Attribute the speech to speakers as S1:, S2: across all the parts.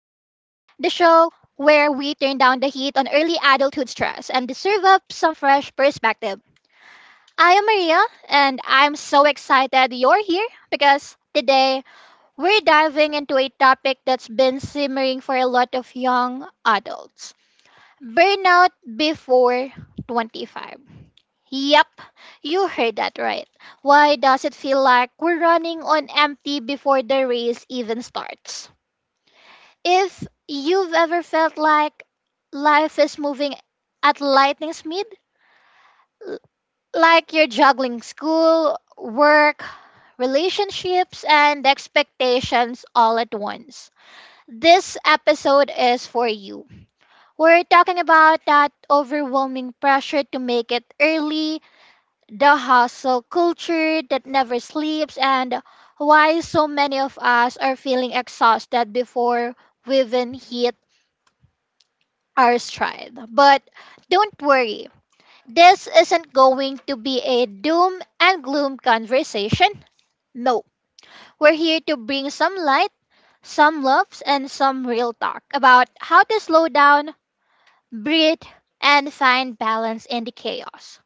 S1: down the heat on early adulthood stress and serve up some fresh perspective. I am Maria, and I'm so excited you're here because today we're diving into a topic that's been simmering for a lot of young adults burnout before 25. Yep, you heard that right. Why does it feel like we're running on empty before the race even starts? If you've ever felt like life is moving at lightning speed, l- like you're juggling school, work, relationships, and expectations all at once, this episode is for you. We're talking about that overwhelming pressure to make it early the hustle culture that never sleeps, and why so many of us are feeling exhausted before we even hit our stride. But don't worry, this isn't going to be a doom and gloom conversation. No, we're here to bring some light, some loves, and some real talk about how to slow down, breathe, and find balance in the chaos.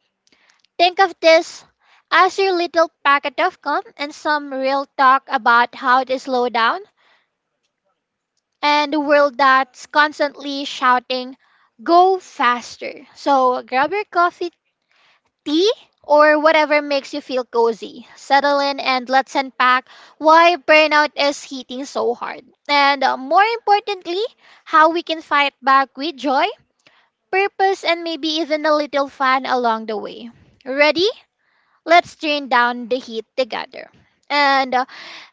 S1: Think of this as your little packet of calm and some real talk about how to slow down and the world that's constantly shouting, go faster. So grab your coffee, tea, or whatever makes you feel cozy. Settle in and let's unpack why burnout is hitting so hard. And More importantly, how we can fight back with joy, purpose, and maybe even a little fun along the way. Ready? Let's turn down the heat together. And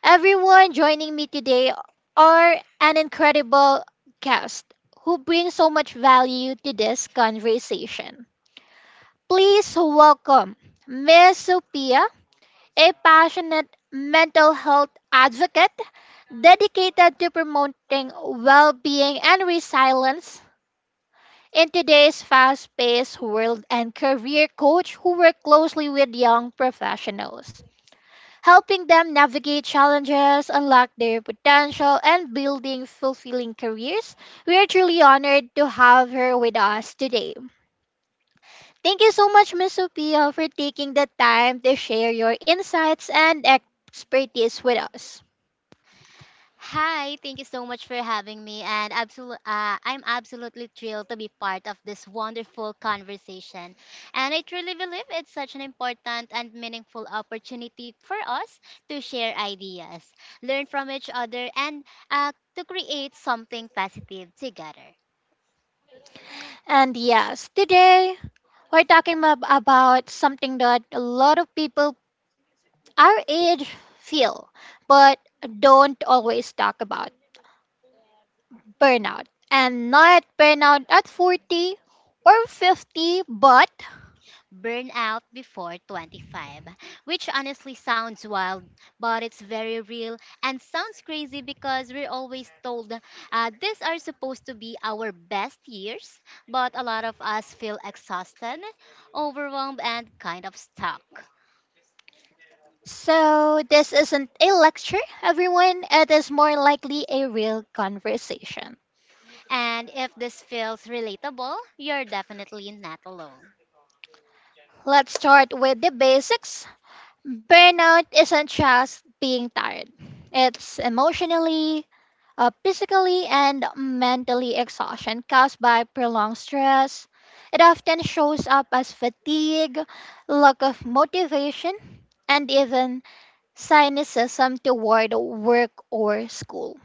S1: Everyone joining me today are an incredible guest who brings so much value to this conversation. Please welcome Ms. Sophia, a passionate mental health advocate dedicated to promoting well being and resilience. In today's fast paced world, and career coach who works closely with young professionals, helping them navigate challenges, unlock their potential, and building fulfilling careers. We are truly honored to have her with us today. Thank you so much, Ms. Sophia, for taking the time to share your insights and expertise with us.
S2: Hi, thank you so much for having me, and I'm absolutely thrilled to be part of this wonderful conversation. And I truly believe it's such an important and meaningful opportunity for us to share ideas, learn from each other, and to create something positive together.
S1: And yes, today we're talking about something that a lot of people our age feel, but don't always talk about burnout. And not burnout at 40 or 50, but
S2: Burnout before 25, which honestly sounds wild, but it's very real and sounds crazy because we're always told these are supposed to be our best years, but a lot of us feel exhausted, overwhelmed, and kind of stuck.
S1: so this isn't a lecture, everyone. It is more likely a real conversation.
S2: And if this feels relatable, you're definitely not alone.
S1: Let's start with the basics. Burnout isn't just being tired, it's emotionally, physically, and mentally exhaustion caused by prolonged stress. It often shows up as fatigue, lack of motivation, and even cynicism toward work or school.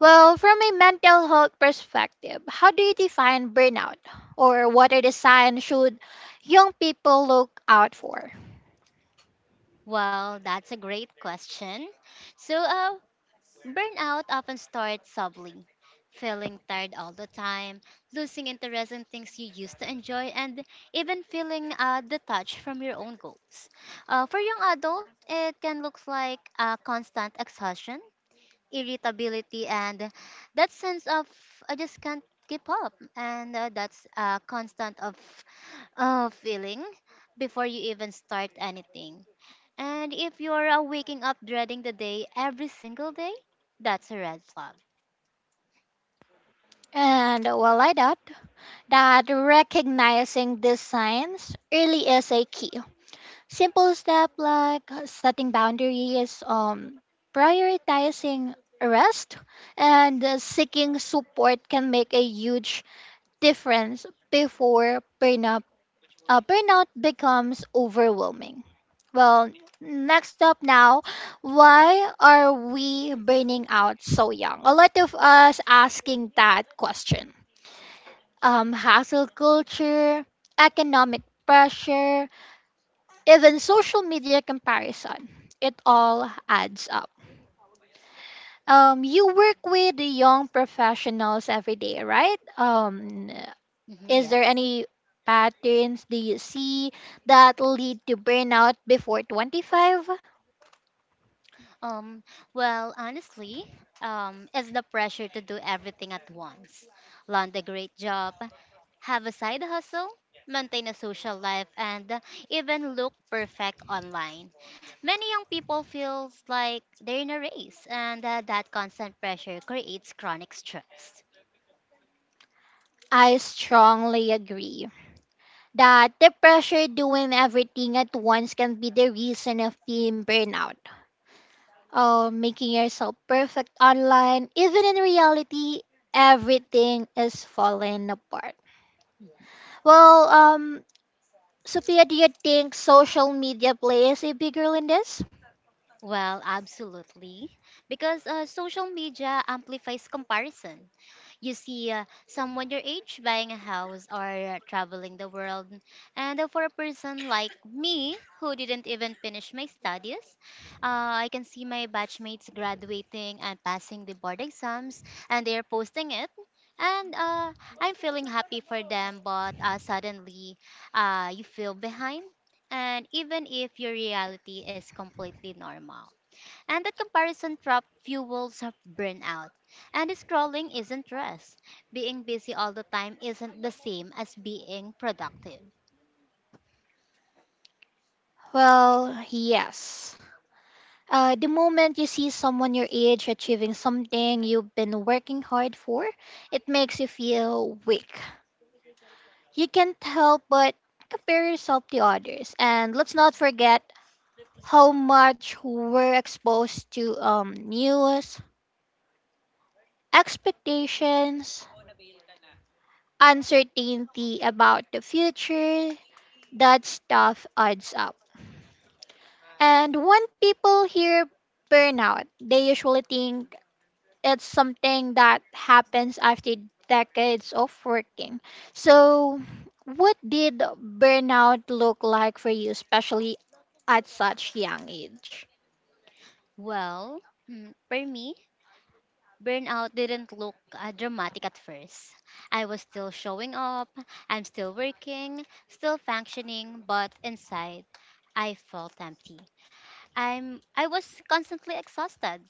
S1: Well, from a mental health perspective, how do you define burnout? Or what are the signs should young people look out for?
S2: Well, that's a great question. So, uh, Burnout often starts subtly, feeling tired all the time, losing interest in things you used to enjoy, and even feeling detached from your own goals. For young adults, it can look like constant exhaustion, irritability, and that sense of I just can't keep up, and that's a constant of feeling before you even start anything. And if you're waking up dreading the day every single day, that's a red flag.
S1: And well, I doubt that recognizing these signs really is a key. Simple step like setting boundaries, prioritizing rest, and seeking support can make a huge difference before burnout becomes overwhelming. Well, next up now, why are we burning out so young? A lot of us asking that question. Hassle culture, economic pressure, even social media comparison. It all adds up. You work with the young professionals every day, right?
S2: Hmm,
S1: Is there
S2: yes.
S1: any patterns do you see that lead to burnout before 25?
S2: Um, well, honestly, it's the pressure to do everything at once: land a great job, have a side hustle, maintain a social life, and even look perfect online. Many young people feels like they're in a race, and that constant pressure creates chronic stress.
S1: I strongly agree that the pressure doing everything at once can be the reason of being burnout. Oh, making yourself perfect online, even in reality, everything is falling apart. Well, Sophia, do you think social media plays a big role in this?
S2: Well, absolutely. Because social media amplifies comparison. You see someone your age buying a house or traveling the world. And for a person like me, who didn't even finish my studies, I can see my batchmates graduating and passing the board exams, and they're posting it. And I'm feeling happy for them, but suddenly you feel behind. And even if your reality is completely normal. And that comparison trap fuels burnout. And scrolling isn't rest. Being busy all the time isn't the same as being productive.
S1: Well, yes. The moment you see someone your age achieving something you've been working hard for, it makes you feel weak. You can't help but compare yourself to others. And let's not forget how much we're exposed to news, expectations, uncertainty about the future. That stuff adds up. And when people hear burnout, they usually think it's something that happens after decades of working. So, what did burnout look like for you, especially at such young age?
S2: Well, for me, burnout didn't look dramatic at first. I was still showing up, I'm still working, still functioning, but inside, I felt empty. I was constantly exhausted,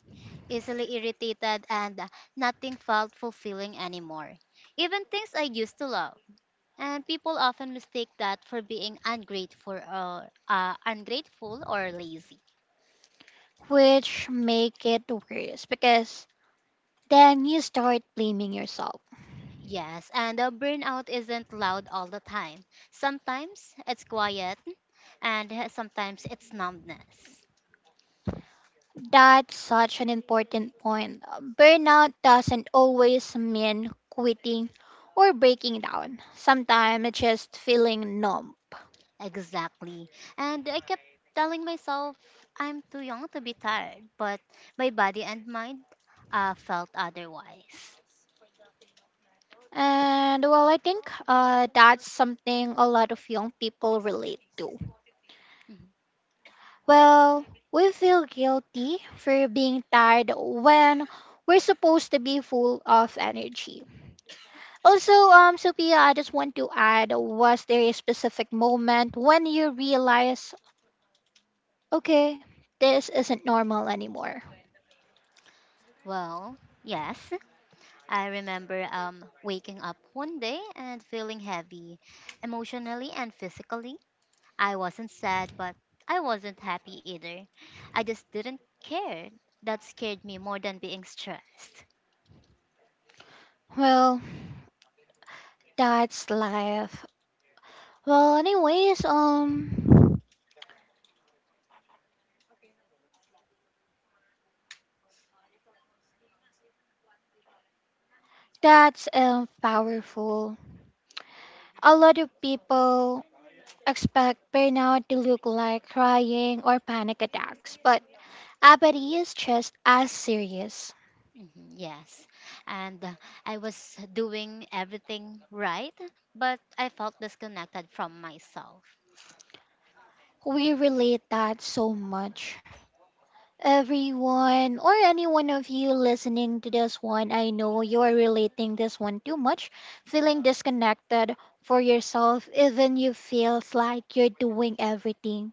S2: easily irritated and nothing felt fulfilling anymore. Even things I used to love. And people often mistake that for being ungrateful or lazy.
S1: Which make it worse because then you start blaming yourself.
S2: Yes, and burnout isn't loud all the time. Sometimes it's quiet and sometimes it's numbness.
S1: That's such an important point. Burnout doesn't always mean quitting or breaking down. Sometimes it's just feeling numb.
S2: Exactly. And I kept telling myself I'm too young to be tired, but my body and mind felt otherwise.
S1: I think that's something a lot of young people relate to.
S2: Mhm.
S1: Well, we feel guilty for being tired when we're supposed to be full of energy. Also, Sophia, I just want to add was there a specific moment when you realize, okay, this isn't normal anymore?
S2: Well, yes, I remember waking up one day and feeling heavy, emotionally and physically. I wasn't sad, but I wasn't happy either. I just didn't care. That scared me more than being stressed.
S1: Well, that's life. Well, anyways, that's powerful. A lot of people expect burnout to look like crying or panic attacks, but apathy is just as serious.
S2: Mhm, yes. And I was doing everything right, but I felt disconnected from myself.
S1: We relate that so much. Everyone or any one of you listening to this one, I know you're relating this one too much, feeling disconnected for yourself even you feels like you're doing everything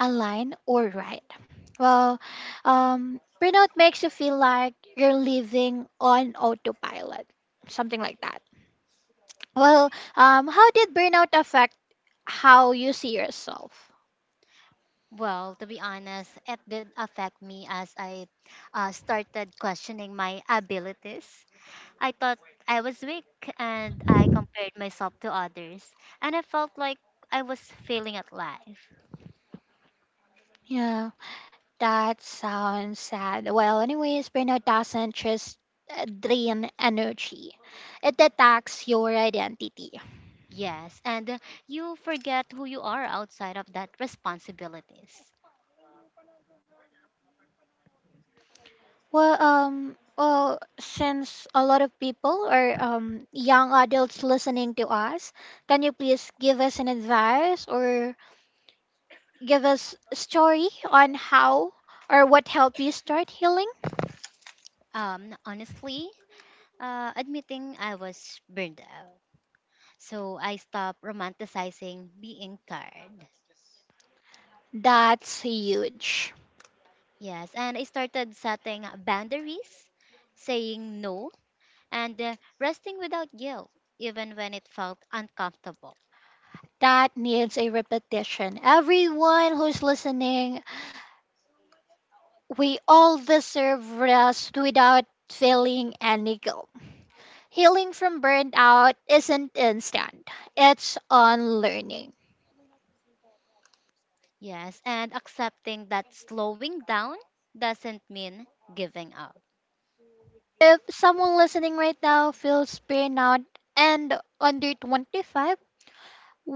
S1: align or right. Well, burnout makes you feel like you're living on autopilot, something like that. Well, how did burnout affect how you see yourself?
S2: Well, to be honest, it did affect me as I started questioning my abilities. I thought I was weak and I compared myself to others, and I felt like I was failing at life.
S1: Yeah, that sounds sad. Well, anyways, burnout doesn't just drain energy, it attacks your identity.
S2: Yes, and you forget who you are outside of that responsibilities.
S1: Well, well, since a lot of people are young adults listening to us, can you please give us an advice or give us a story on how or what helped you start healing?
S2: Honestly, admitting I was burned out. So I stopped romanticizing being tired.
S1: That's huge.
S2: Yes, and I started setting boundaries, saying no, and resting without guilt, even when it felt uncomfortable.
S1: That needs a repetition. Everyone who's listening, we all deserve rest without feeling any guilt. Healing from burnout isn't instant, it's on learning.
S2: Yes, and accepting that slowing down doesn't mean giving up.
S1: If someone listening right now feels burnout and under 25,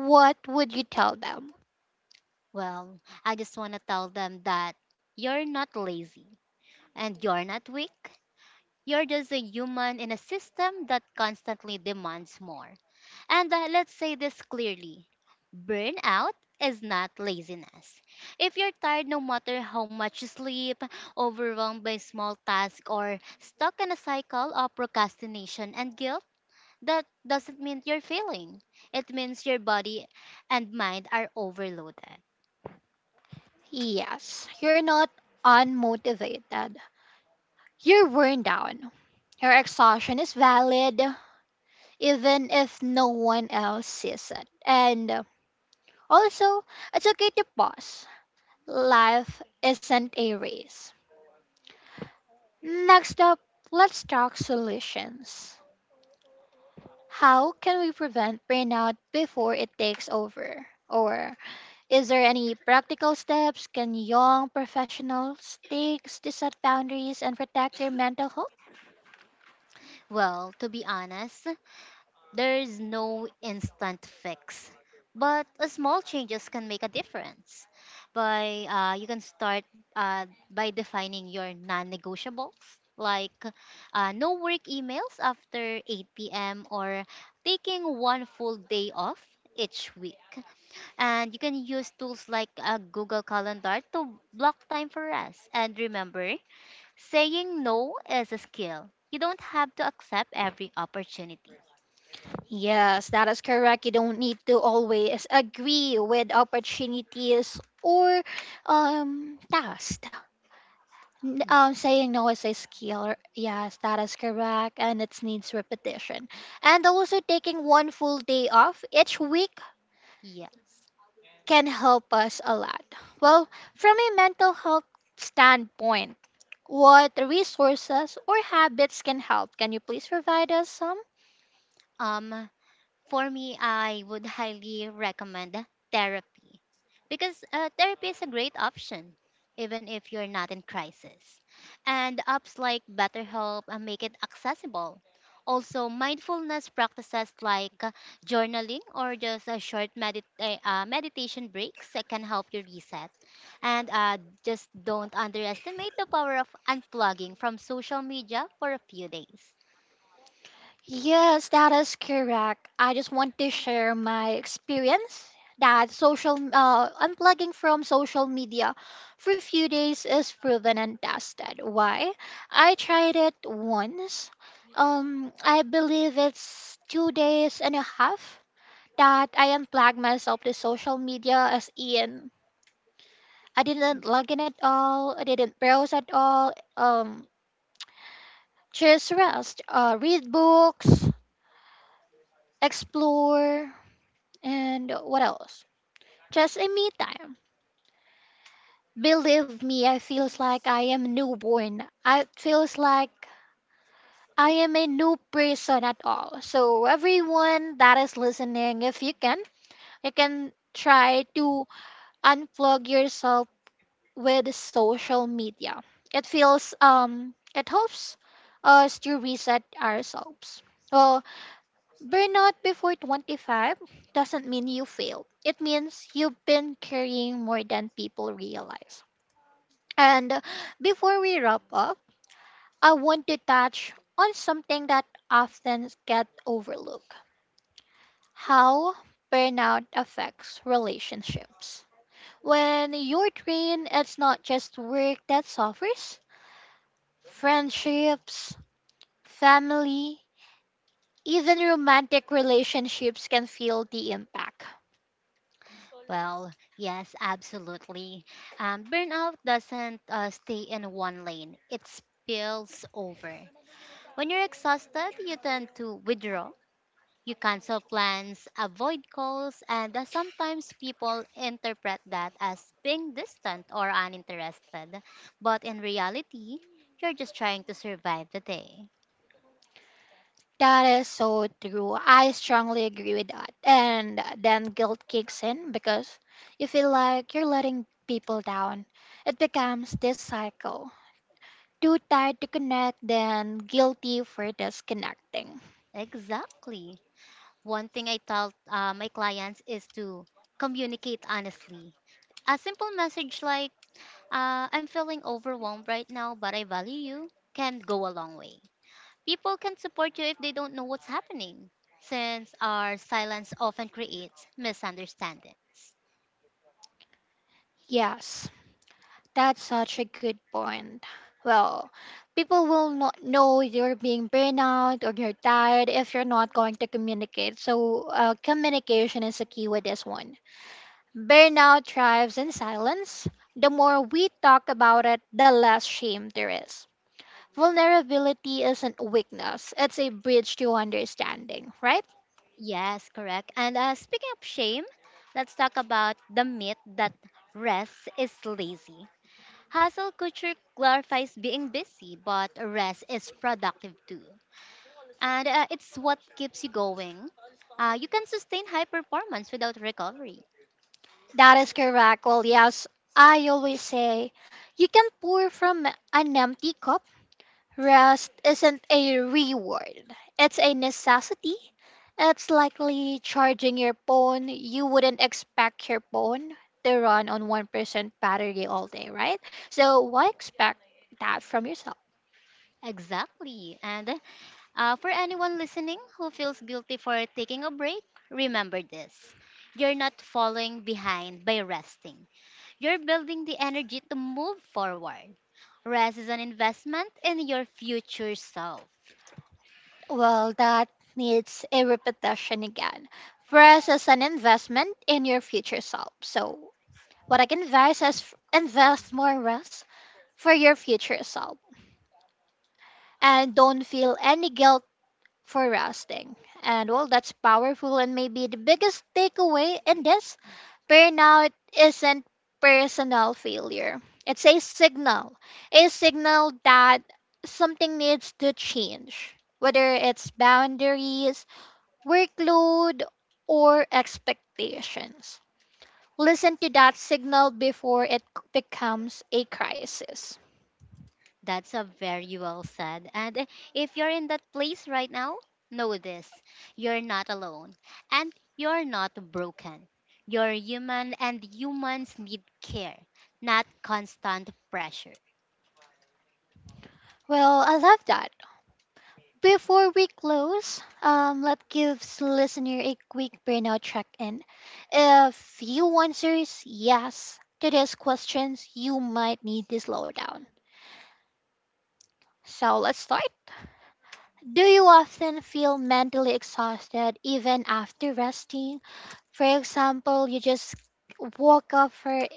S1: what would you tell them?
S2: Well, I just want to tell them that you're not lazy and you're not weak. You're just a human in a system that constantly demands more. And let's say this clearly: burnout is not laziness. If you're tired no matter how much you sleep, overwhelmed by small tasks, or stuck in a cycle of procrastination and guilt, that doesn't mean you're failing. It means your body and mind are overloaded.
S1: Yes, you're not unmotivated. You're worn down. Your exhaustion is valid, even if no one else sees it. And also, it's okay to pause. Life isn't a race. Next up, let's talk solutions. How can we prevent burnout before it takes over? Or is there any practical steps can young professionals take to set boundaries and protect their mental health?
S2: Well, to be honest, there's no instant fix, but a small changes can make a difference. By You can start by defining your non-negotiables, like no work emails after 8 p.m. or taking one full day off each week. And you can use tools like a Google Calendar to block time for rest. And remember, saying no is a skill. You don't have to accept every opportunity.
S1: Yes, that is correct. You don't need to always agree with opportunities or tasks. Saying no is a skill. Yes, that is correct, and it needs repetition. And also taking one full day off each week
S2: Yes.
S1: can help us a lot. Well, from a mental health standpoint, what resources or habits can help? Can you please provide us some?
S2: Um, for me, I would highly recommend therapy because therapy is a great option, even if you're not in crisis. And apps like BetterHelp make it accessible. Also, mindfulness practices like journaling or just a short meditation breaks that can help you reset. And just don't underestimate the power of unplugging from social media for a few days.
S1: Yes, that is correct. I just want to share my experience that social unplugging from social media for a few days is proven and tested. Why? I tried it once. I believe it's 2 days and a half that I unplugged myself to social media as in I didn't log in at all, I didn't browse at all, um, just rest, read books, explore, and what else? Just a me time. Believe me, I feels like I am newborn. I feels like I am a new person at all. So everyone that is listening, if you can, you can try to unplug yourself with social media. It feels it helps us to reset ourselves. Well, burnout before 25 doesn't mean you failed. It means you've been carrying more than people realize. And Before we wrap up, I want to touch on something that often gets overlooked. How burnout affects relationships. When you're drained, it's not just work that suffers, friendships, family, even romantic relationships can feel the impact.
S2: Well, yes, absolutely. Burnout doesn't stay in one lane, it spills over. When you're exhausted, you tend to withdraw. You cancel plans, avoid calls, and sometimes people interpret that as being distant or uninterested. But in reality, you're just trying to survive the day.
S1: That is so true. I strongly agree with that. And then guilt kicks in because you feel like you're letting people down. It becomes this cycle. Too tired to connect, then guilty for disconnecting.
S2: Exactly. One thing I tell my clients is to communicate honestly. A simple message like, "I'm feeling overwhelmed right now, but I value you" can go a long way. People can support you if they don't know what's happening, since our silence often creates misunderstandings.
S1: Yes. That's such a good point. Well, people will not know you're being burned out or you're tired if you're not going to communicate. So, communication is a key with this one. Burnout thrives in silence. The more we talk about it, the less shame there is. Vulnerability isn't weakness, it's a bridge to understanding, right?
S2: Yes, correct. And speaking of shame, let's talk about the myth that rest is lazy. Hustle culture glorifies being busy, but rest is productive too. And it's what keeps you going. You can sustain high performance without recovery.
S1: That is correct. Well, yes, I always say you can pour from an empty cup. Rest isn't a reward, it's a necessity. It's likely charging your phone. You wouldn't expect your phone to run on 1% battery all day, right? So, why expect that from yourself?
S2: Exactly. And for anyone listening who feels guilty for taking a break, remember this. You're not falling behind by resting. You're building the energy to move forward. Rest is an investment in your future self.
S1: Well, that needs a repetition again. First, as an investment in your future self. So, what I can advise is invest more rest for your future self. And don't feel any guilt for resting. And well, that's powerful and maybe the biggest takeaway in this burnout isn't personal failure. It's a signal that something needs to change, whether it's boundaries, workload, or expectations. Listen to that signal before it becomes a crisis.
S2: That's a very well said. And if you're in that place right now, know this. You're not alone. And you're not broken. You're human, and humans need care, not constant pressure.
S1: Well, I love that. Before we close, let's give listener a quick burnout check-in. If you answers yes to these questions, you might need to slow down. So let's start. Do you often feel mentally exhausted even after resting? For example, you just woke up for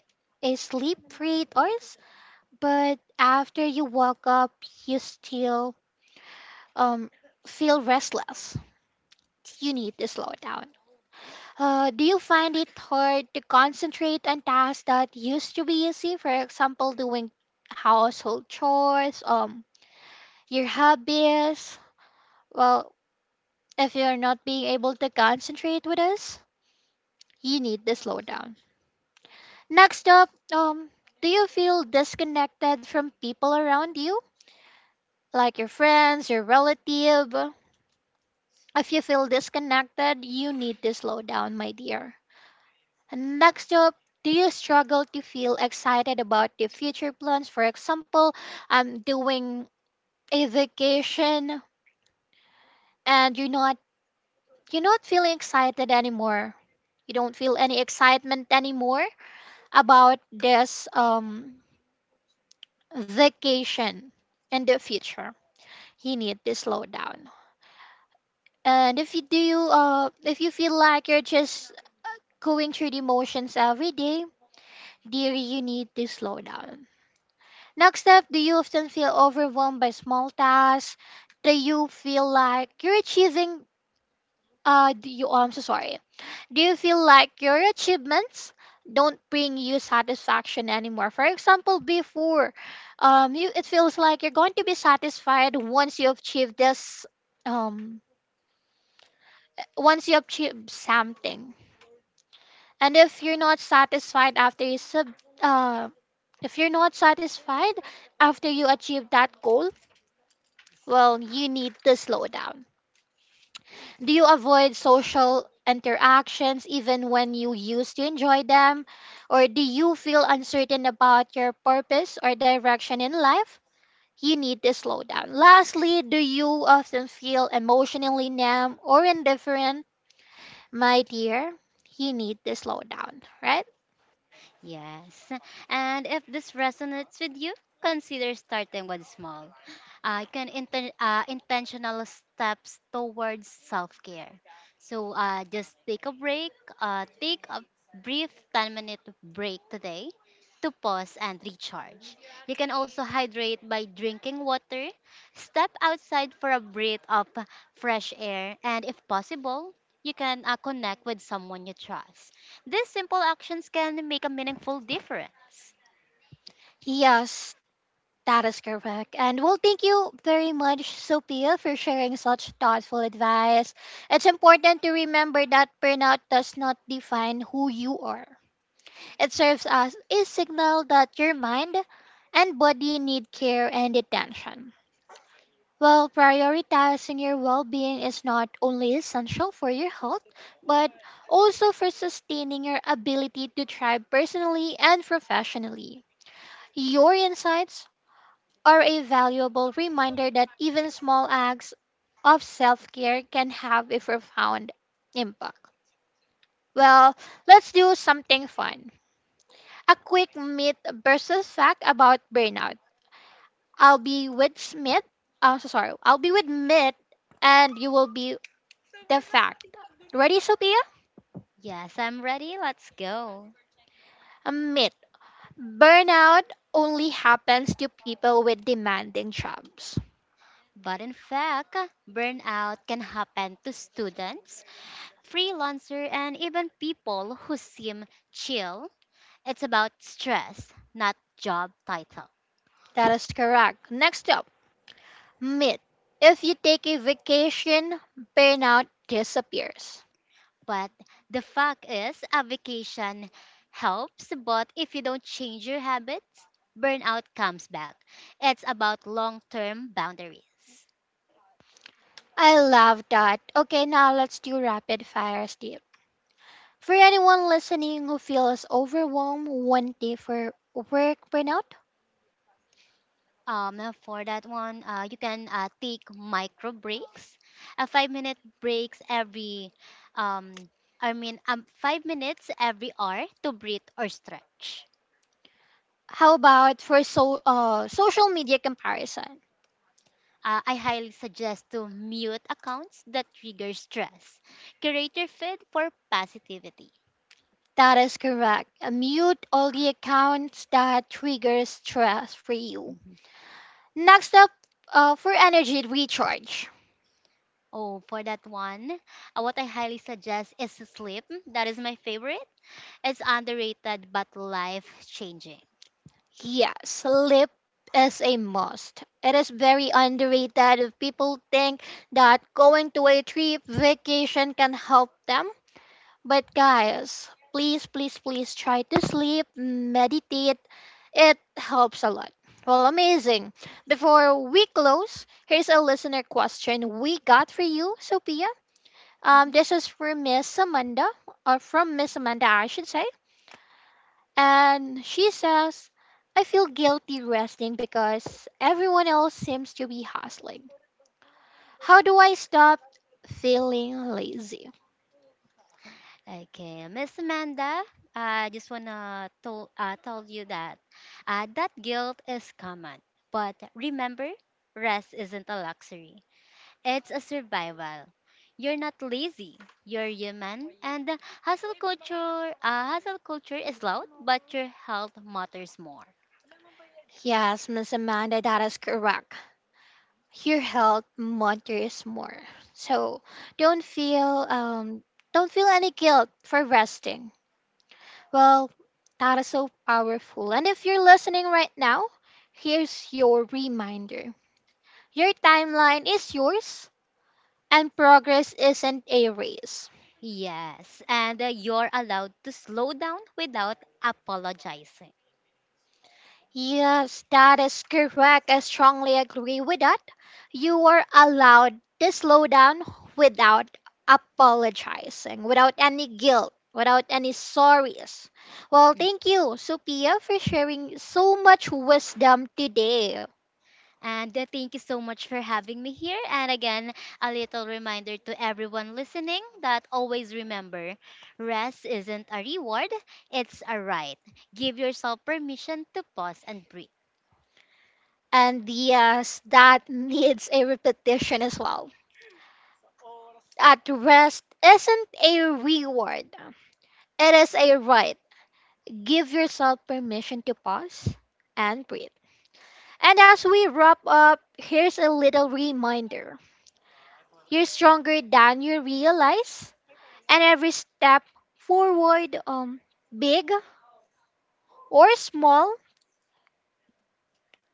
S1: a sleep for 8 hours, but after you woke up, you still um, feel restless. You need to slow down. Do you find it hard to concentrate on tasks that used to be easy? For example, doing household chores, your hobbies. Well, if you're not being able to concentrate with us, you need to slow down. Next up, do you feel disconnected from people around you, like your friends, your relative? If you feel disconnected, you need to slow down, my dear. Next up, do you struggle to feel excited about the future plans? For example, I'm doing a vacation and you're not feeling excited anymore. You don't feel any excitement anymore about this vacation in the future. You need to slow down. And if you feel like you're just going through the motions every day, dear, you need to slow down. Next up, do you often feel overwhelmed by small tasks? Do you feel like you're achieving do you oh, I'm so sorry. Do you feel like your achievements don't bring you satisfaction anymore? For example, before you it feels like you're going to be satisfied once you achieve this um once you achieve something. And uh if you're not satisfied after you achieve that goal, well, you need to slow down. Do you avoid social interactions even when you used to enjoy them? Or do you feel uncertain about your purpose or direction in life? You need to slow down. Lastly, do you often feel emotionally numb or indifferent? My dear, you need to slow down, right?
S2: Yes. And if this resonates with you, consider starting with small. You can intentional steps towards self care. Just take a break, take a brief 10-minute break today to pause and recharge. You can also hydrate by drinking water, step outside for a breath of fresh air, and if possible, you can connect with someone you trust. These simple actions can make a meaningful difference.
S1: Yes, that is correct. And well, thank you very much, Sophia, for sharing such thoughtful advice. It's important to remember that burnout does not define who you are. It serves as a signal that your mind and body need care and attention. Well, prioritizing your well being is not only essential for your health, but also for sustaining your ability to thrive personally and professionally. Your insights are a valuable reminder that even small acts of self care can have a profound impact. Well, let's do something fun. A quick myth versus fact about burnout. I'll be with Smith. I'm so sorry. I'll be with Myth, and you will be the fact. Ready, Sophia?
S2: Yes, I'm ready, let's go.
S1: A myth. Burnout only happens to people with demanding jobs.
S2: But in fact, burnout can happen to students, freelancer, and even people who seem chill. It's about stress, not job title.
S1: That is correct. Next up, myth. If you take a vacation, burnout disappears.
S2: But the fact is, a vacation helps, but if you don't change your habits, burnout comes back. It's about long term boundaries.
S1: I love that. Okay, now let's do rapid fire, Steve. For anyone listening who feels overwhelmed one day for work burnout,
S2: For that one, you can take micro breaks, a 5 minute breaks every, um, 5 minutes every hour to breathe or stretch.
S1: how about for social media comparison?
S2: I highly suggest to mute accounts that trigger stress. Curate your feed for positivity.
S1: That is correct. Mute all the accounts that trigger stress for you.
S2: Mhm.
S1: Next up, for energy recharge.
S2: Oh, for that one, what I highly suggest is sleep. That is my favorite. It's underrated but life changing.
S1: Yeah, sleep is a must. It is very underrated if people think that going to a trip vacation can help them. But guys, please, please, please try to sleep, meditate. It helps a lot. Well, amazing. Before we close, here's a listener question we got for you, Sophia. This is for Miss Amanda, or from Miss Amanda, I should say. And she says, I feel guilty resting because everyone else seems to be hustling. How do I stop feeling lazy?
S2: Okay, Miss Amanda, I just wanna tell you that that guilt is common, but remember, rest isn't a luxury; it's a survival. You're not lazy. You're human, and the hustle culture is loud, but your health matters more.
S1: Yes, Miss Amanda, that is correct. Your health matters more. So don't feel um don't feel any guilt for resting. Well, that is so powerful. And if you're listening right now, here's your reminder. Your timeline is yours and progress isn't a race.
S2: Yes, and you're allowed to slow down without apologizing.
S1: Yes, that is correct. I strongly agree with that. You are allowed to slow down without apologizing, without any guilt, without any sorries. Well,
S2: Hmm.
S1: thank you, Sophia, for sharing so much wisdom today.
S2: And thank you so much for having me here. And again, a little reminder to everyone listening that always remember rest isn't a reward, it's a right. Give yourself permission to pause and breathe.
S1: And yes, that needs a repetition as well. At rest isn't a reward, it is a right. Give yourself permission to pause and breathe. And as we wrap up, here's a little reminder, you're stronger than you realize, and every step forward, big or small,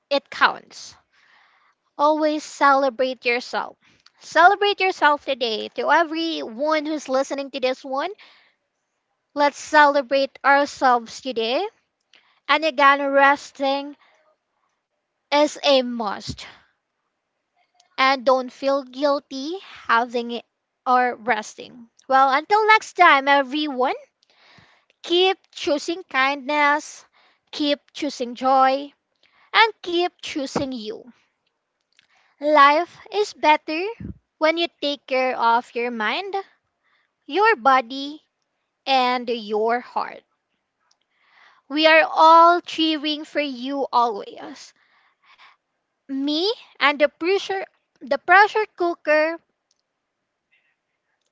S1: it counts. Always celebrate yourself. Celebrate yourself today. To everyone who's listening to this one, let's celebrate ourselves today. And again, resting is a must, and don't feel guilty having it or resting. Well, until next time, everyone, keep choosing kindness, keep choosing joy, and keep choosing you. Life is better when you take care of your mind, your body, and your heart. We are all cheering for you always. Me and the pressure cooker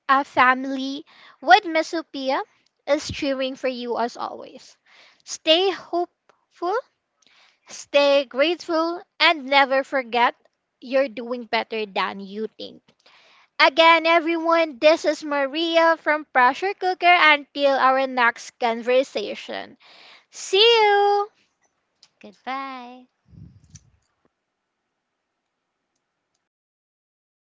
S1: our family with Miss Sophia is cheering for you as always. Stay hopeful, stay grateful, and never forget you're doing better than you think. Again, everyone, this is Maria from Pressure Cooker until our next conversation. See you!
S2: Goodbye.